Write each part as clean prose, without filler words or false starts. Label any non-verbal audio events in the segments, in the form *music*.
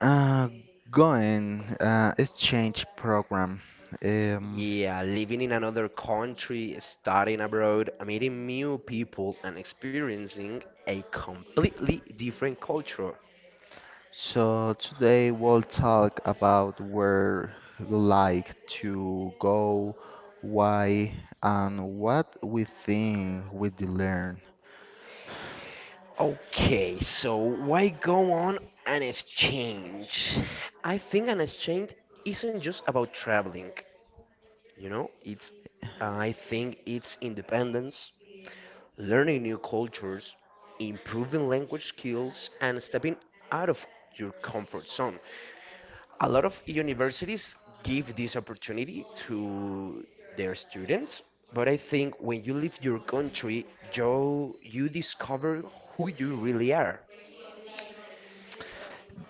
Uh, going exchange program. Um, Yeah, living in another country, studying abroad, meeting new people, and experiencing a completely different culture. so today we'll talk about where you like to go, why, and what we think we learn. Okay, so why go on an exchange? I think an exchange isn't just about traveling, you know, it's I think it's independence, learning new cultures, improving language skills, and stepping out of your comfort zone. A lot of universities give this opportunity to their students, but I think when you leave your country, Joe, you discover who you really are.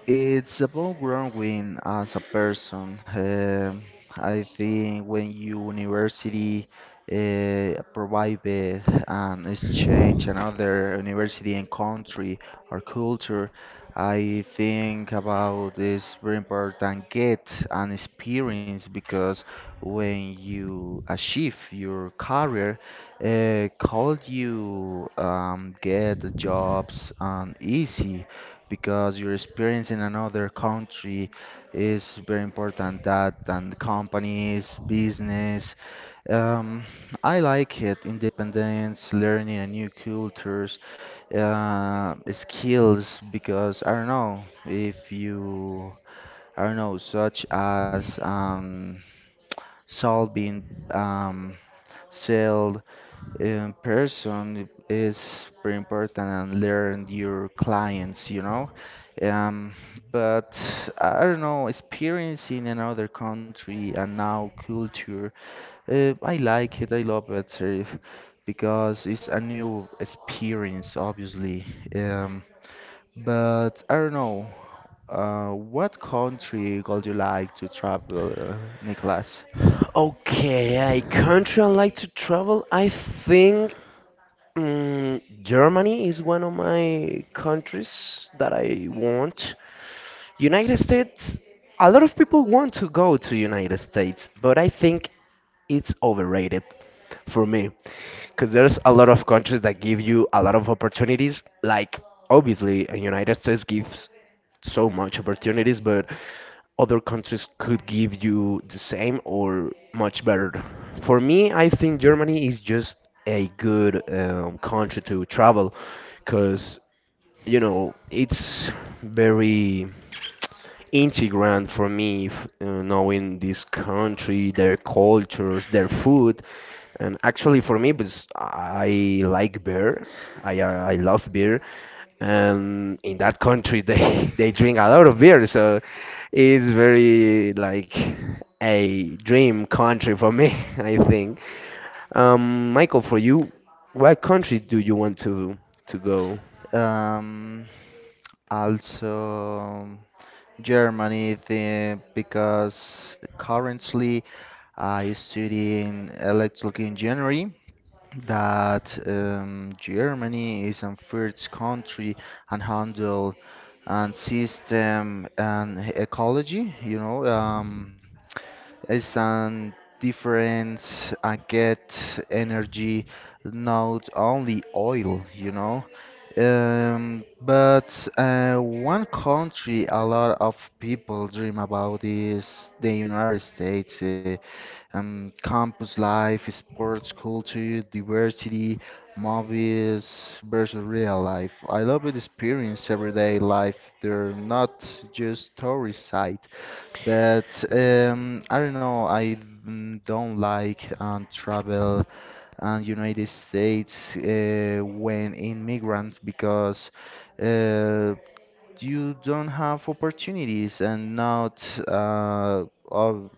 It's about growing as a person. I think when university provided an exchange, another university and country or culture, I think about this very important get an experience because when you achieve your career, could you get jobs easy? Because your experience in another country is very important. That and companies, business. Um, I like it. Independence, learning a new cultures, skills. Because I don't know if you, I don't know, such as solving um, sale in person is very important and learn your clients. Um, but I don't know, experience in another country and now culture, I like it, I love it because it's a new experience, obviously. Um, but I don't know, what country would you like to travel, Nicholas? Okay, I country I like to travel. I think Germany is one of my countries that I want. United States, a lot of people want to go to United States, but I think it's overrated for me because there's a lot of countries that give you a lot of opportunities. Like obviously, United States gives so much opportunities, but other countries could give you the same or much better. For me, I think Germany is just a good country to travel because you know, it's very integrant for me knowing this country, their cultures, their food. And actually, for me, because I like beer, I love beer, and in that country they *laughs* they drink a lot of beer, so it's very like a dream country for me, *laughs* I think. Michael, for you, what country do you want to go? Um, also. Germany thing because currently I study in electrical engineering. That Germany is a first country and handle and system and ecology. You know, it's a difference. I get energy, not only oil. But one country a lot of people dream about is the United States. Campus life, sports culture, diversity, movies versus real life. I love the experience everyday life. They're not just tourist site. But I don't know, I don't like travel and United States when immigrant because uh, you don't have opportunities and not uh, of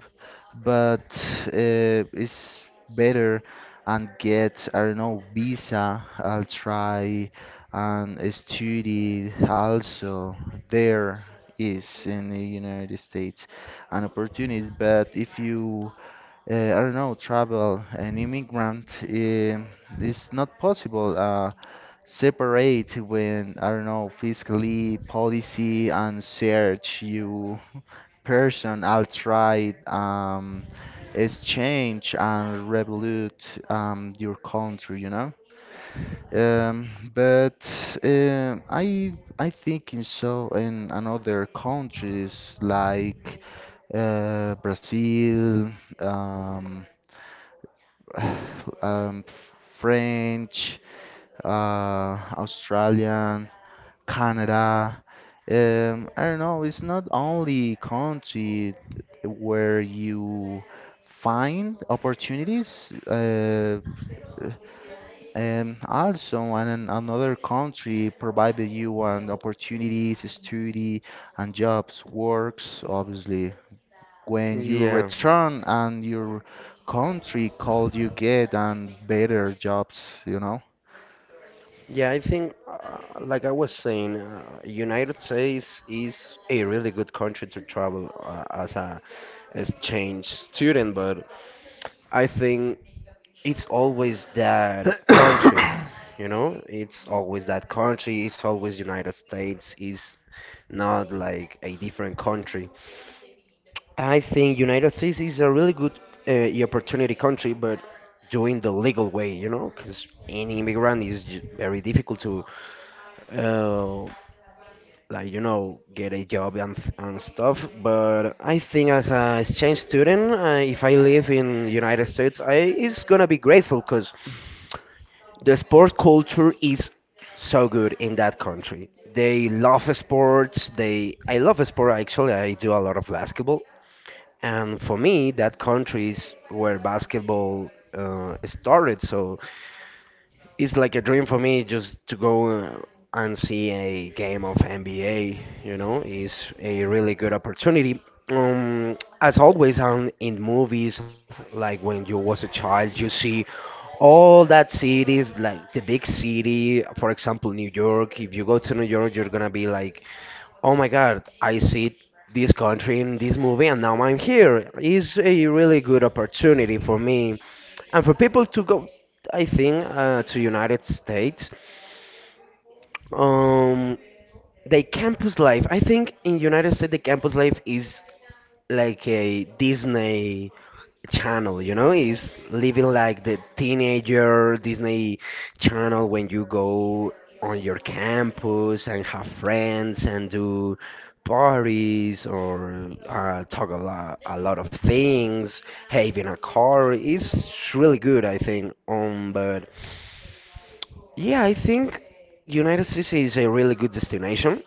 but it's better and get I don't know visa I'll try and study also there is in the United States an opportunity but if you I don't know travel an immigrant it's not possible separate when I don't know fiscally policy and search you person I'll try exchange and revolute your country but I think in so in another countries like Brazil um *sighs* um French uh Australian Canada. I don't know, it's not only country where you find opportunities. Also, and in another country provided you an opportunities, study, and jobs, works, obviously. When you Yeah. return and your country called you get and better jobs. Yeah, I think, like I was saying, United States is a really good country to travel as a exchange student, but I think it's always that country, you know? It's always that country, it's always United States, it's not like a different country. I think United States is a really good opportunity country, but doing the legal way, you know, because any immigrant is very difficult to, uh, like you know, get a job and stuff. But I think as a exchange student, if I live in United States, I is gonna be grateful because the sport culture is so good in that country. They love sports. They I love sport actually. I do a lot of basketball. And for me, that countries where basketball started. So it's like a dream for me just to go and see a game of NBA, you know, it's a really good opportunity. Um, as always, on in movies, like when you was a child, you see all that cities, like the big city, for example, New York. If you go to New York, you're gonna be like, oh my God, I see this country in this movie, and now I'm here. It's a really good opportunity for me and for people to go I think to United States, um, the campus life. I think in United States the campus life is like a Disney channel. You know, is living like the teenager Disney channel when you go on your campus and have friends and do parties or talk a lot of things. Having a car is really good, I think. But. Yeah, I think United States is a really good destination.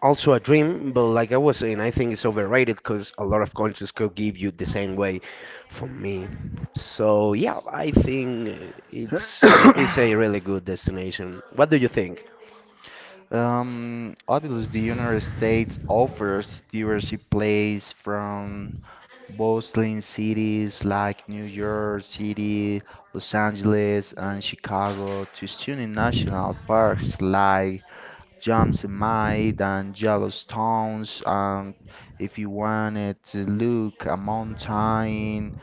Also a dream, but like I was saying, I think it's overrated because a lot of countries could give you the same way for me. So yeah, I think it's a really good destination. What do you think? Obviously, the United States offers diverse plays from bustling cities like New York City, Los Angeles, and Chicago to stunning national parks like Yosemite and Yellowstones. And if you wanted to look a mountain,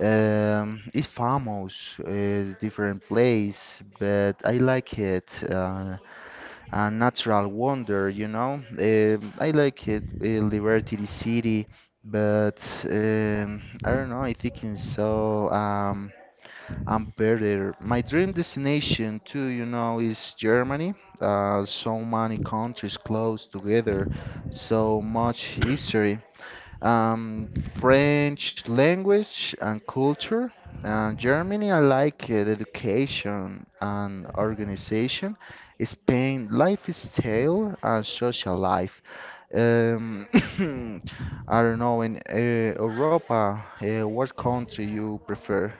it's famous, different place, but I like it. A natural wonder. I like it, Liberty City, but I don't know. I think it's so I'm better. My dream destination too, is Germany. So many countries close together, so much history um, French language and culture. And Germany, I like the education and organization. Spain, lifestyle and social life. Um, *coughs* I don't know, in Europa, what country you prefer?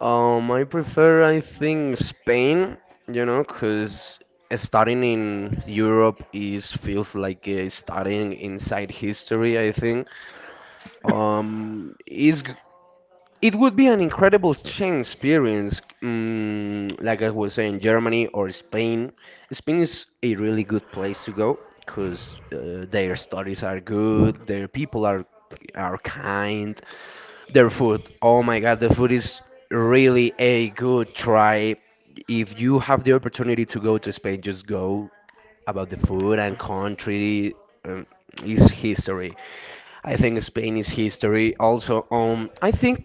I prefer, I think, Spain, you know, because starting in Europe is feels like starting inside history, I think. Is It would be an incredible change experience, like I was saying, Germany or Spain. Spain is a really good place to go because their studies are good, their people are kind, their food. Oh my God, the food is really a good try. If you have the opportunity to go to Spain, just go about the food and country. Um, is history. I think Spain is history. Also, I think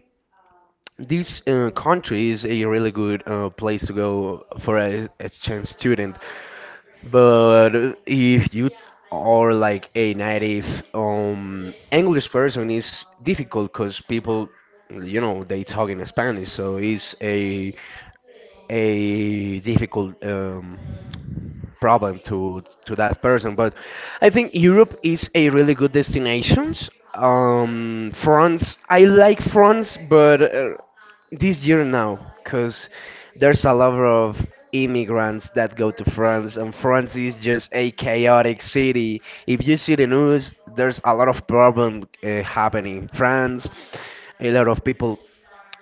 this country is a really good place to go for a exchange student, but if you are like a native English person, it's difficult because people, you know, they talk in Spanish, so it's a difficult problem to that person. But I think Europe is a really good destination. France, I like France, but this year now, because there's a lot of immigrants that go to France, and France is just a chaotic city. If you see the news, there's a lot of problem happening in France. A lot of people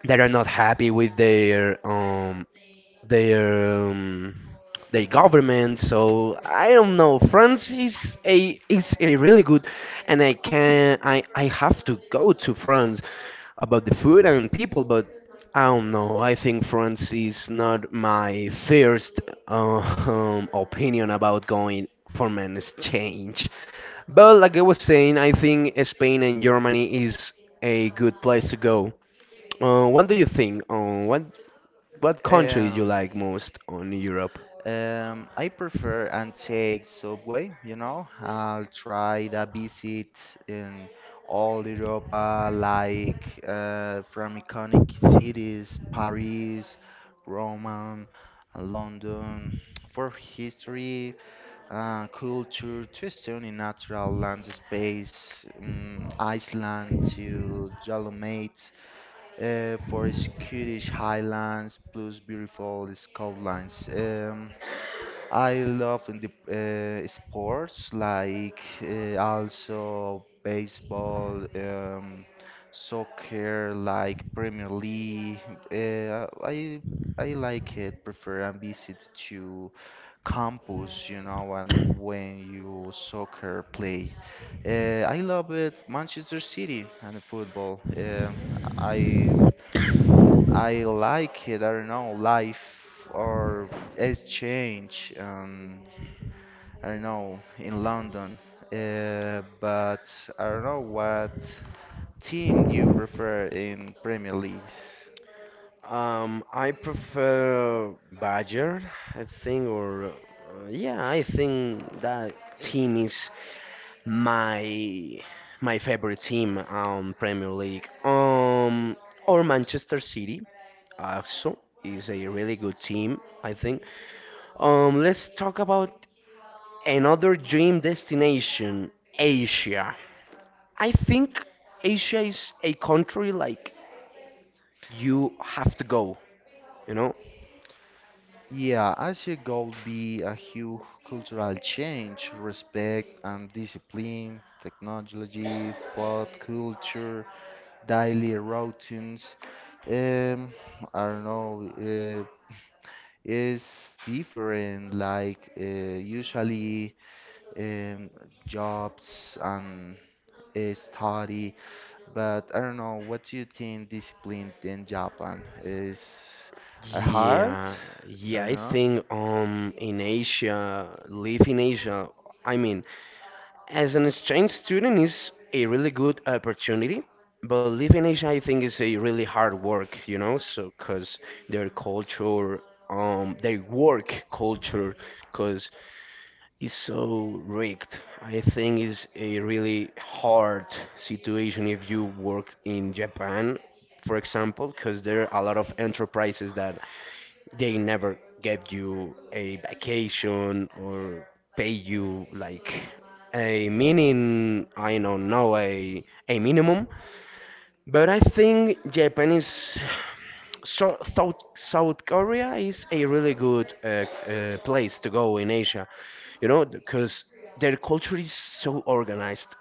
that are not happy with their their um, their government. So I don't know. France is a really good, and I can I have to go to France about the food and people, but I don't know. I think France is not my first opinion about going for an exchange. But like I was saying, I think Spain and Germany is a good place to go. What do you think? What what country you Um, like most on Europe? I prefer and take subway. I'll try the visit in all Europa, like from iconic cities, Paris, Rome, and London, for history, culture, to stunning natural land space, Iceland to Dolomite, for Scottish Highlands, plus beautiful Scotlands. I love in the sports like also baseball, soccer, like Premier League. Uh, I I like it. Prefer and visit to campus, you know, and when you soccer play. I love it. Manchester City and football. I I like it. I don't know life or exchange. I don't know, in London. But I don't know what team do you prefer in Premier League. I prefer Badger, I think, I think that team is my my favorite team on Premier League. Or Manchester City also is a really good team, I think. Let's talk about another dream destination, Asia. I think Asia is a country like you have to go you know Yeah, I see a goal be a huge cultural change, respect and discipline, technology, food culture, daily routines. Um, I don't know, it's different. Like usually um, jobs and study. But I don't know, what do you think discipline in Japan is hard? yeah I yeah don't I know. think in asia I mean as an exchange student is a really good opportunity but live in asia I think is a really hard work you know so because their culture their work culture because is so rigged. I think it's a really hard situation if you work in Japan, for example, because there are a lot of enterprises that they never give you a vacation or pay you like a meaning, I don't know, a minimum. But I think Japan is so South Korea is a really good place to go in Asia, you know, because their culture is so organized.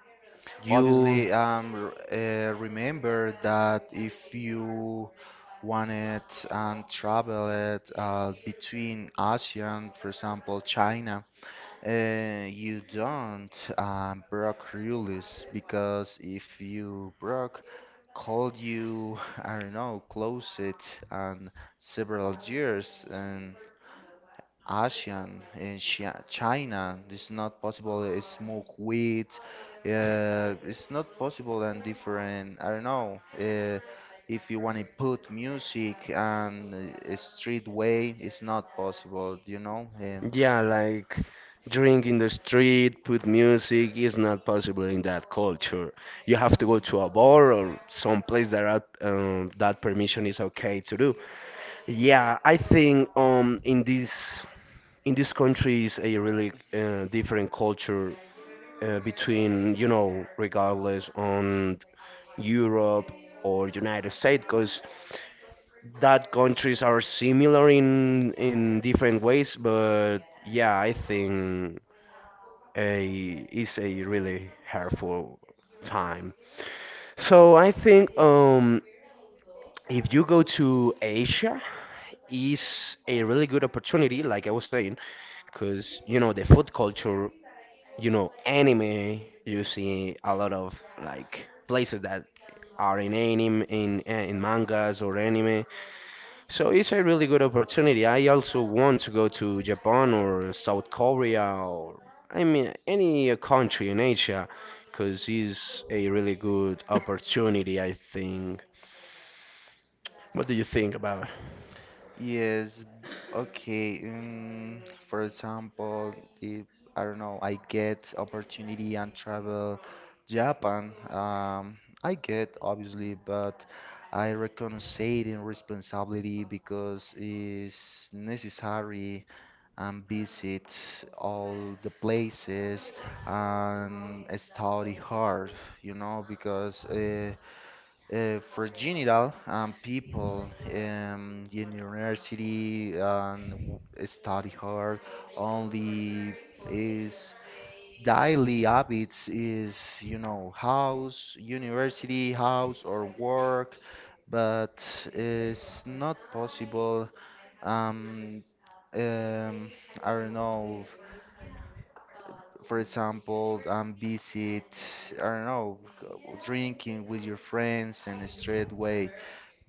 You Obviously, remember that if you wanted and traveled between ASEAN, for example, China. You don't broke rules because if you broke, called you, *laughs* I don't know, closet and several years and ASEAN and Chi- China, it's not possible to smoke weed. It's not possible and different, I don't know. If you want to put music and a street way, it's not possible. And Yeah, like drink in the street, put music is not possible in that culture. You have to go to a bar or some place that are, that permission is okay to do. Yeah, I think in this country is a really different culture between you know regardless on Europe or United States because that countries are similar in different ways but yeah I think a is a really hurtful time so I think if you go to Asia is a really good opportunity like I was saying because you know the food culture you know anime you see a lot of like places that are in anime in mangas or anime so it's a really good opportunity I also want to go to japan or south korea or I mean any country in asia because it's a really good opportunity I think what do you think about yes, okay. For example, if I don't know, I get opportunity and travel Japan, I get obviously, but I recognize it in responsibility because it's necessary and visit all the places and study hard, you know, because for general people in university and study hard only is daily habits is you know house university house or work but it's not possible um, um, I don't know for example visit I don't know drinking with your friends in a straight way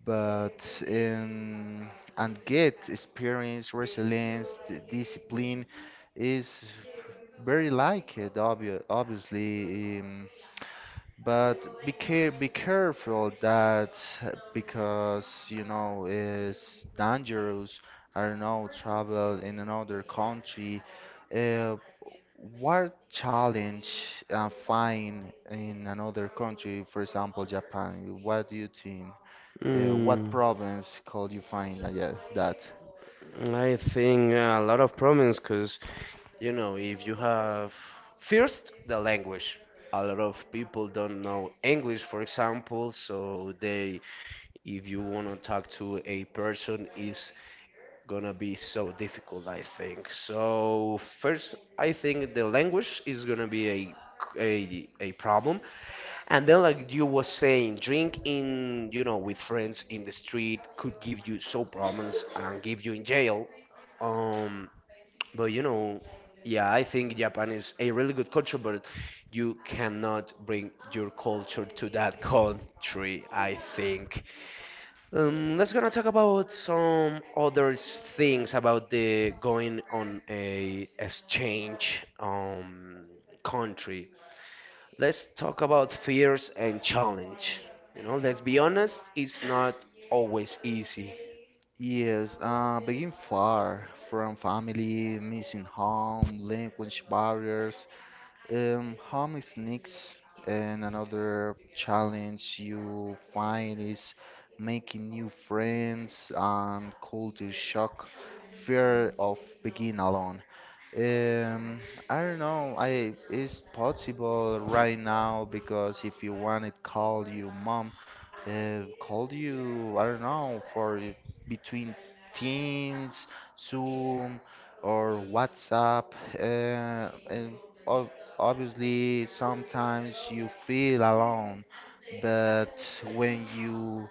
but and get experience, resilience, discipline is very like it, obviously. But be careful that because you know it's dangerous. I don't know, travel in another country. Uh, what challenge find in another country, for example, Japan? What do you think? What Mm, problems could you find yeah, that? I think a lot of problems because you know, if you have first the language. A lot of people don't know English, for example, so they if you want to talk to a person is gonna be so difficult, I think. So first, I think the language is gonna be a a problem and then like you were saying drinking you know with friends in the street could give you so problems and give you in jail um but you know, yeah, I think Japan is a really good culture, but you cannot bring your culture to that country, I think. Let's gonna talk about some other things about the going on a exchange country. Let's talk about fears and challenge. You know, let's be honest, it's not always easy. Yes, being far from family, missing home, language barriers, home sneaks and another challenge you find is making new friends and culture shock, fear of being alone. Um, I don't know. I it's possible right now because if you want it, call your mom. Called you, I don't know, for between Teams, Zoom, or WhatsApp, and or obviously, sometimes you feel alone, but when you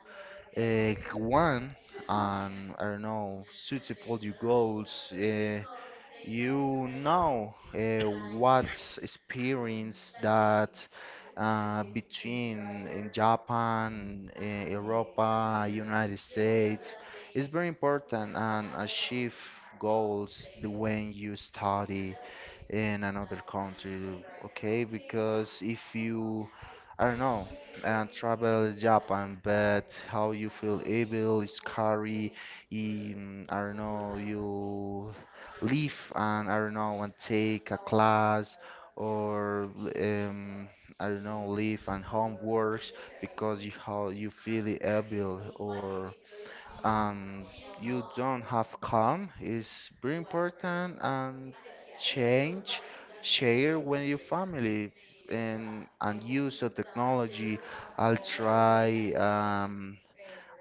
want and I don't know, successful your goals, you know uh, what experience that between in Japan, in Europa, United States is very important and achieve goals the when you study in another country, okay? Because if you I don't know, and travel Japan, but how you feel evil, scary, I don't know, you leave and I don't know, and take a class or um, I don't know, leave and homeworks because you how you feel evil or and you don't have calm is very important and change share with your family and use of technology I'll try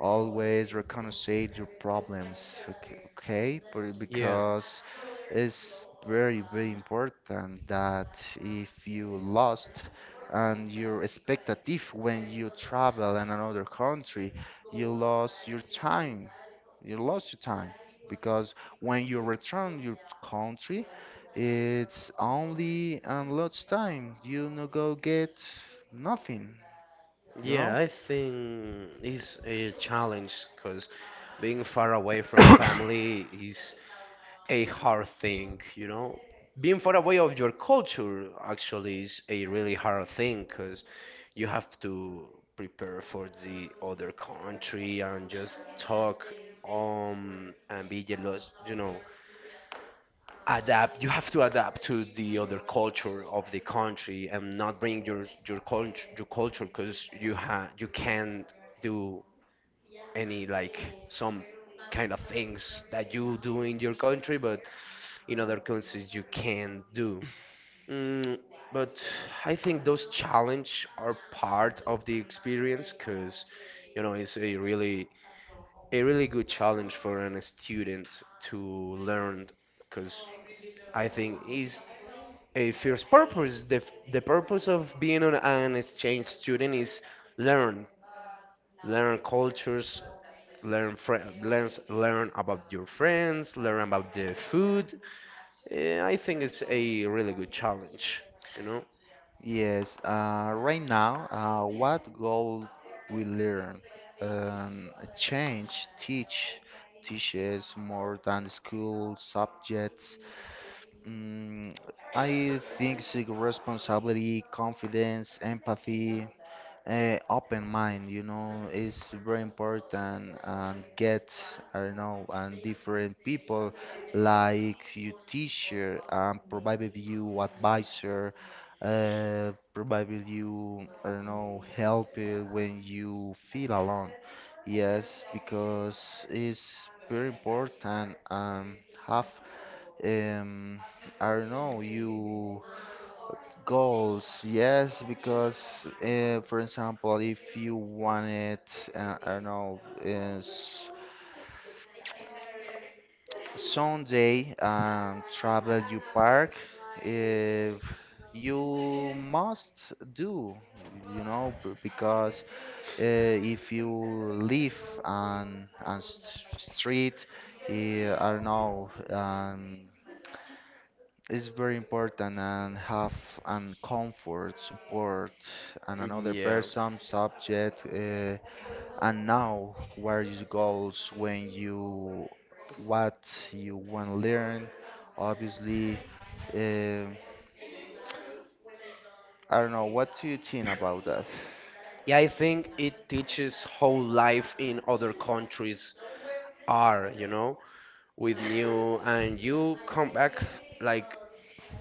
always reconnoitre your problems, okay? Okay? But because it's very, very important that if you lost and your expectative when you travel in another country, you lost your time. You lost your time because when you return your country, it's only and lost time. You no go get nothing, you Yeah, know? I think it's a challenge because being far away from family is a hard thing, you know? Being far away of your culture actually is a really hard thing because you have to prepare for the other country and just talk and be jealous, you know, adapt you have to adapt to the other culture of the country and not bring your culture because you can't do any like some kind of things that you do in your country but in other countries you can do mm, but I think those challenge are part of the experience because you know it's a really good challenge for an student to learn because I think is a first purpose. The purpose of being on an exchange student is learn, learn cultures, learn about your friends, learn about the food. I think it's a really good challenge. You know? Yes, right now, what goal we learn? Um, change, teach, teaches more than school subjects. Mm, I think it's responsibility, confidence, empathy. Open mind, you know, is very important and get, I don't know, and different people like your teacher provided you advisor, provided you, I don't know, help when you feel alone. Yes, because it's very important have, um, I don't know, you goals, yes, because for example, if you wanted, I don't know, is someday travel you park, if you must do, you know, because uh, if you live on street, I don't know, it's very important and have and comfort, support, and another Yeah. person, subject, and now what are your goals when you what you want to learn? Obviously, um I don't know. What do you think about that? Yeah, I think it teaches how life in other countries are, you know, with new and you come back like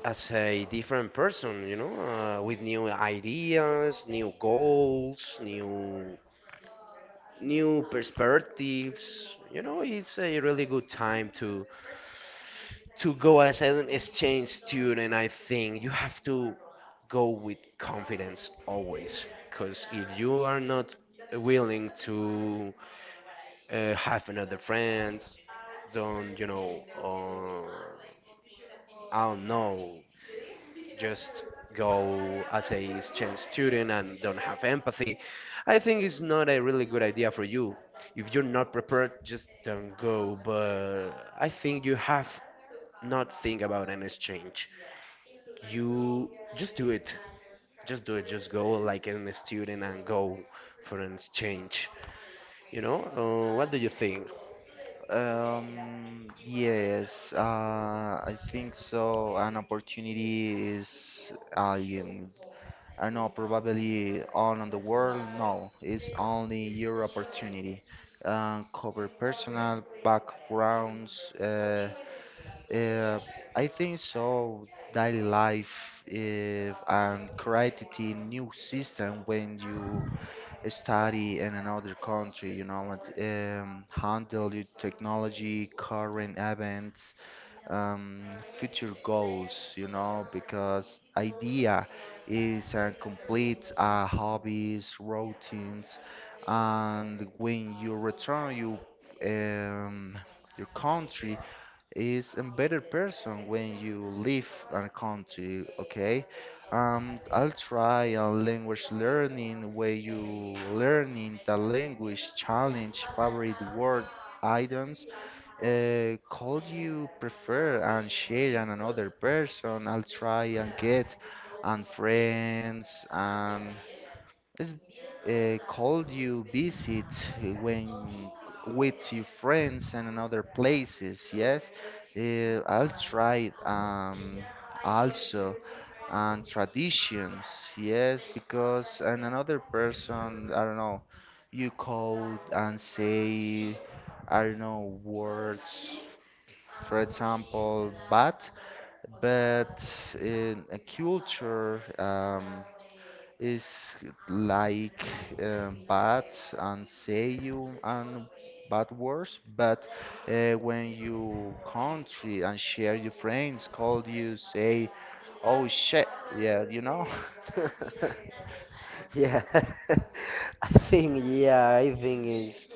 as a different person, you know, with new ideas, new goals, new perspectives. You know, it's a really good time to go as an exchange student. I think you have to go with confidence always, because if you are not willing to have another friend, don't you know, I don't know, just go as a exchange student and don't have empathy, I think it's not a really good idea for you. If you're not prepared, just don't go. But I think you have not think about an exchange. You just do it. Just do it. Just go like an student and go for an exchange. You know? What do you think? Yes, I think so. An opportunity is I don't know, probably all on the world. No, it's only your opportunity. Cover personal backgrounds. Uh, I think so. Daily life and create a new system when you study in another country. You know, and, handle your technology, current events, um, future goals, you know, because idea is complete hobbies, routines, and when you return, you um, your country is a better person when you leave a country. Okay, I'll try a language learning where you learning the language challenge favorite word items could you prefer and share on another person? I'll try and get and friends and is called you visit when with your friends and in other places? Yes, I'll try it, also and traditions. Yes, because and another person I don't know, you call and say I don't know words. For example, but in a culture is like bad and say you and bad words, but when you country and share your friends call you say, oh shit, yeah, you know. *laughs* *laughs* Yeah, *laughs* I think yeah, I think it's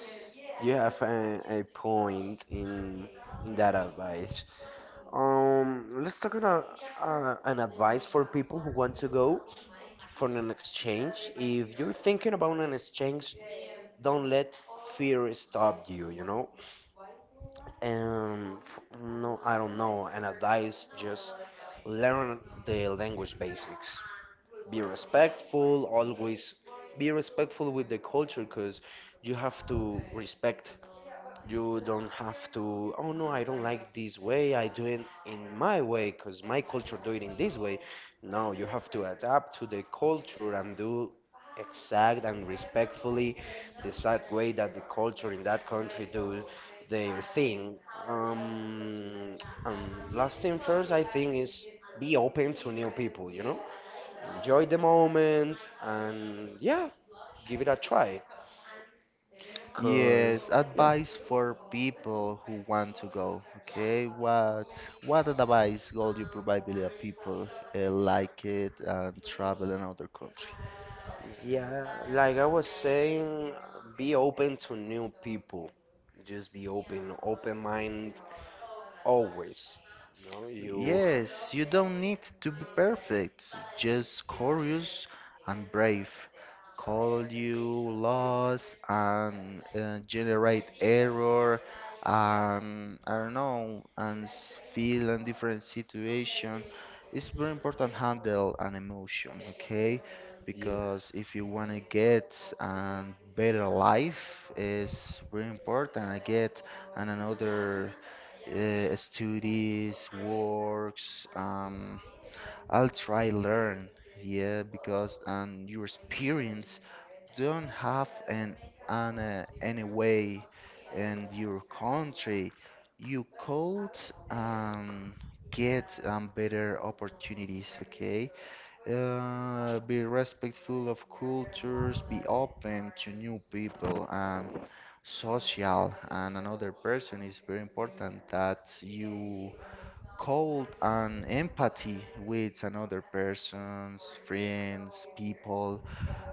you have a point in that advice. Let's talk about an advice for people who want to go for an exchange. If you're thinking about an exchange, don't let fear stop you, you know? I don't know. An advice, just learn the language basics. Be respectful, always be respectful with the culture because you have to respect you don't have to, oh no, I don't like this way, I do it in my way because my culture do it in this way. No, you have to adapt to the culture and do exact and respectfully the exact way that the culture in that country do their thing. Um, last thing first, I think is be open to new people, you know? Enjoy the moment and yeah, give it a try. Cause Yes, yeah. advice for people who want to go. Okay, what advice would you provide the people like it and travel in other country? Yeah, like I was saying, be open to new people. Just be open, open mind always. No, you, Yes, you don't need to be perfect, just curious and brave. Call you loss and generate error and I don't know and feel in different situation. It's very important handle an emotion, okay? yeah. Because if you wanna get a better life, it's very important. I get and another studies, works. I'll try learn, yeah, because your experience don't have an any way, and your country, you could um, get better opportunities, okay? Be respectful of cultures, be open to new people, and social. And another person is very important that you cold and empathy with another person's friends, people.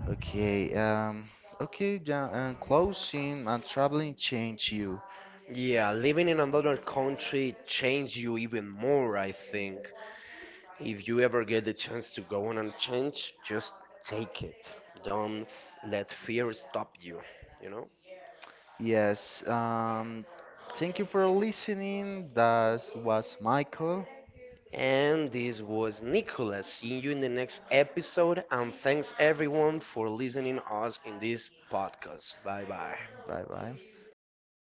Okay, um, okay, yeah, and closing and traveling change you. Yeah, living in another country change you even more, I think. If you ever get the chance to go on and change, just take it. Don't f- let fear stop you, you know? Yes, thank you for listening. That was Michael. And this was Nicolas. See you in the next episode. And thanks everyone for listening us in this podcast. Bye bye. Bye bye.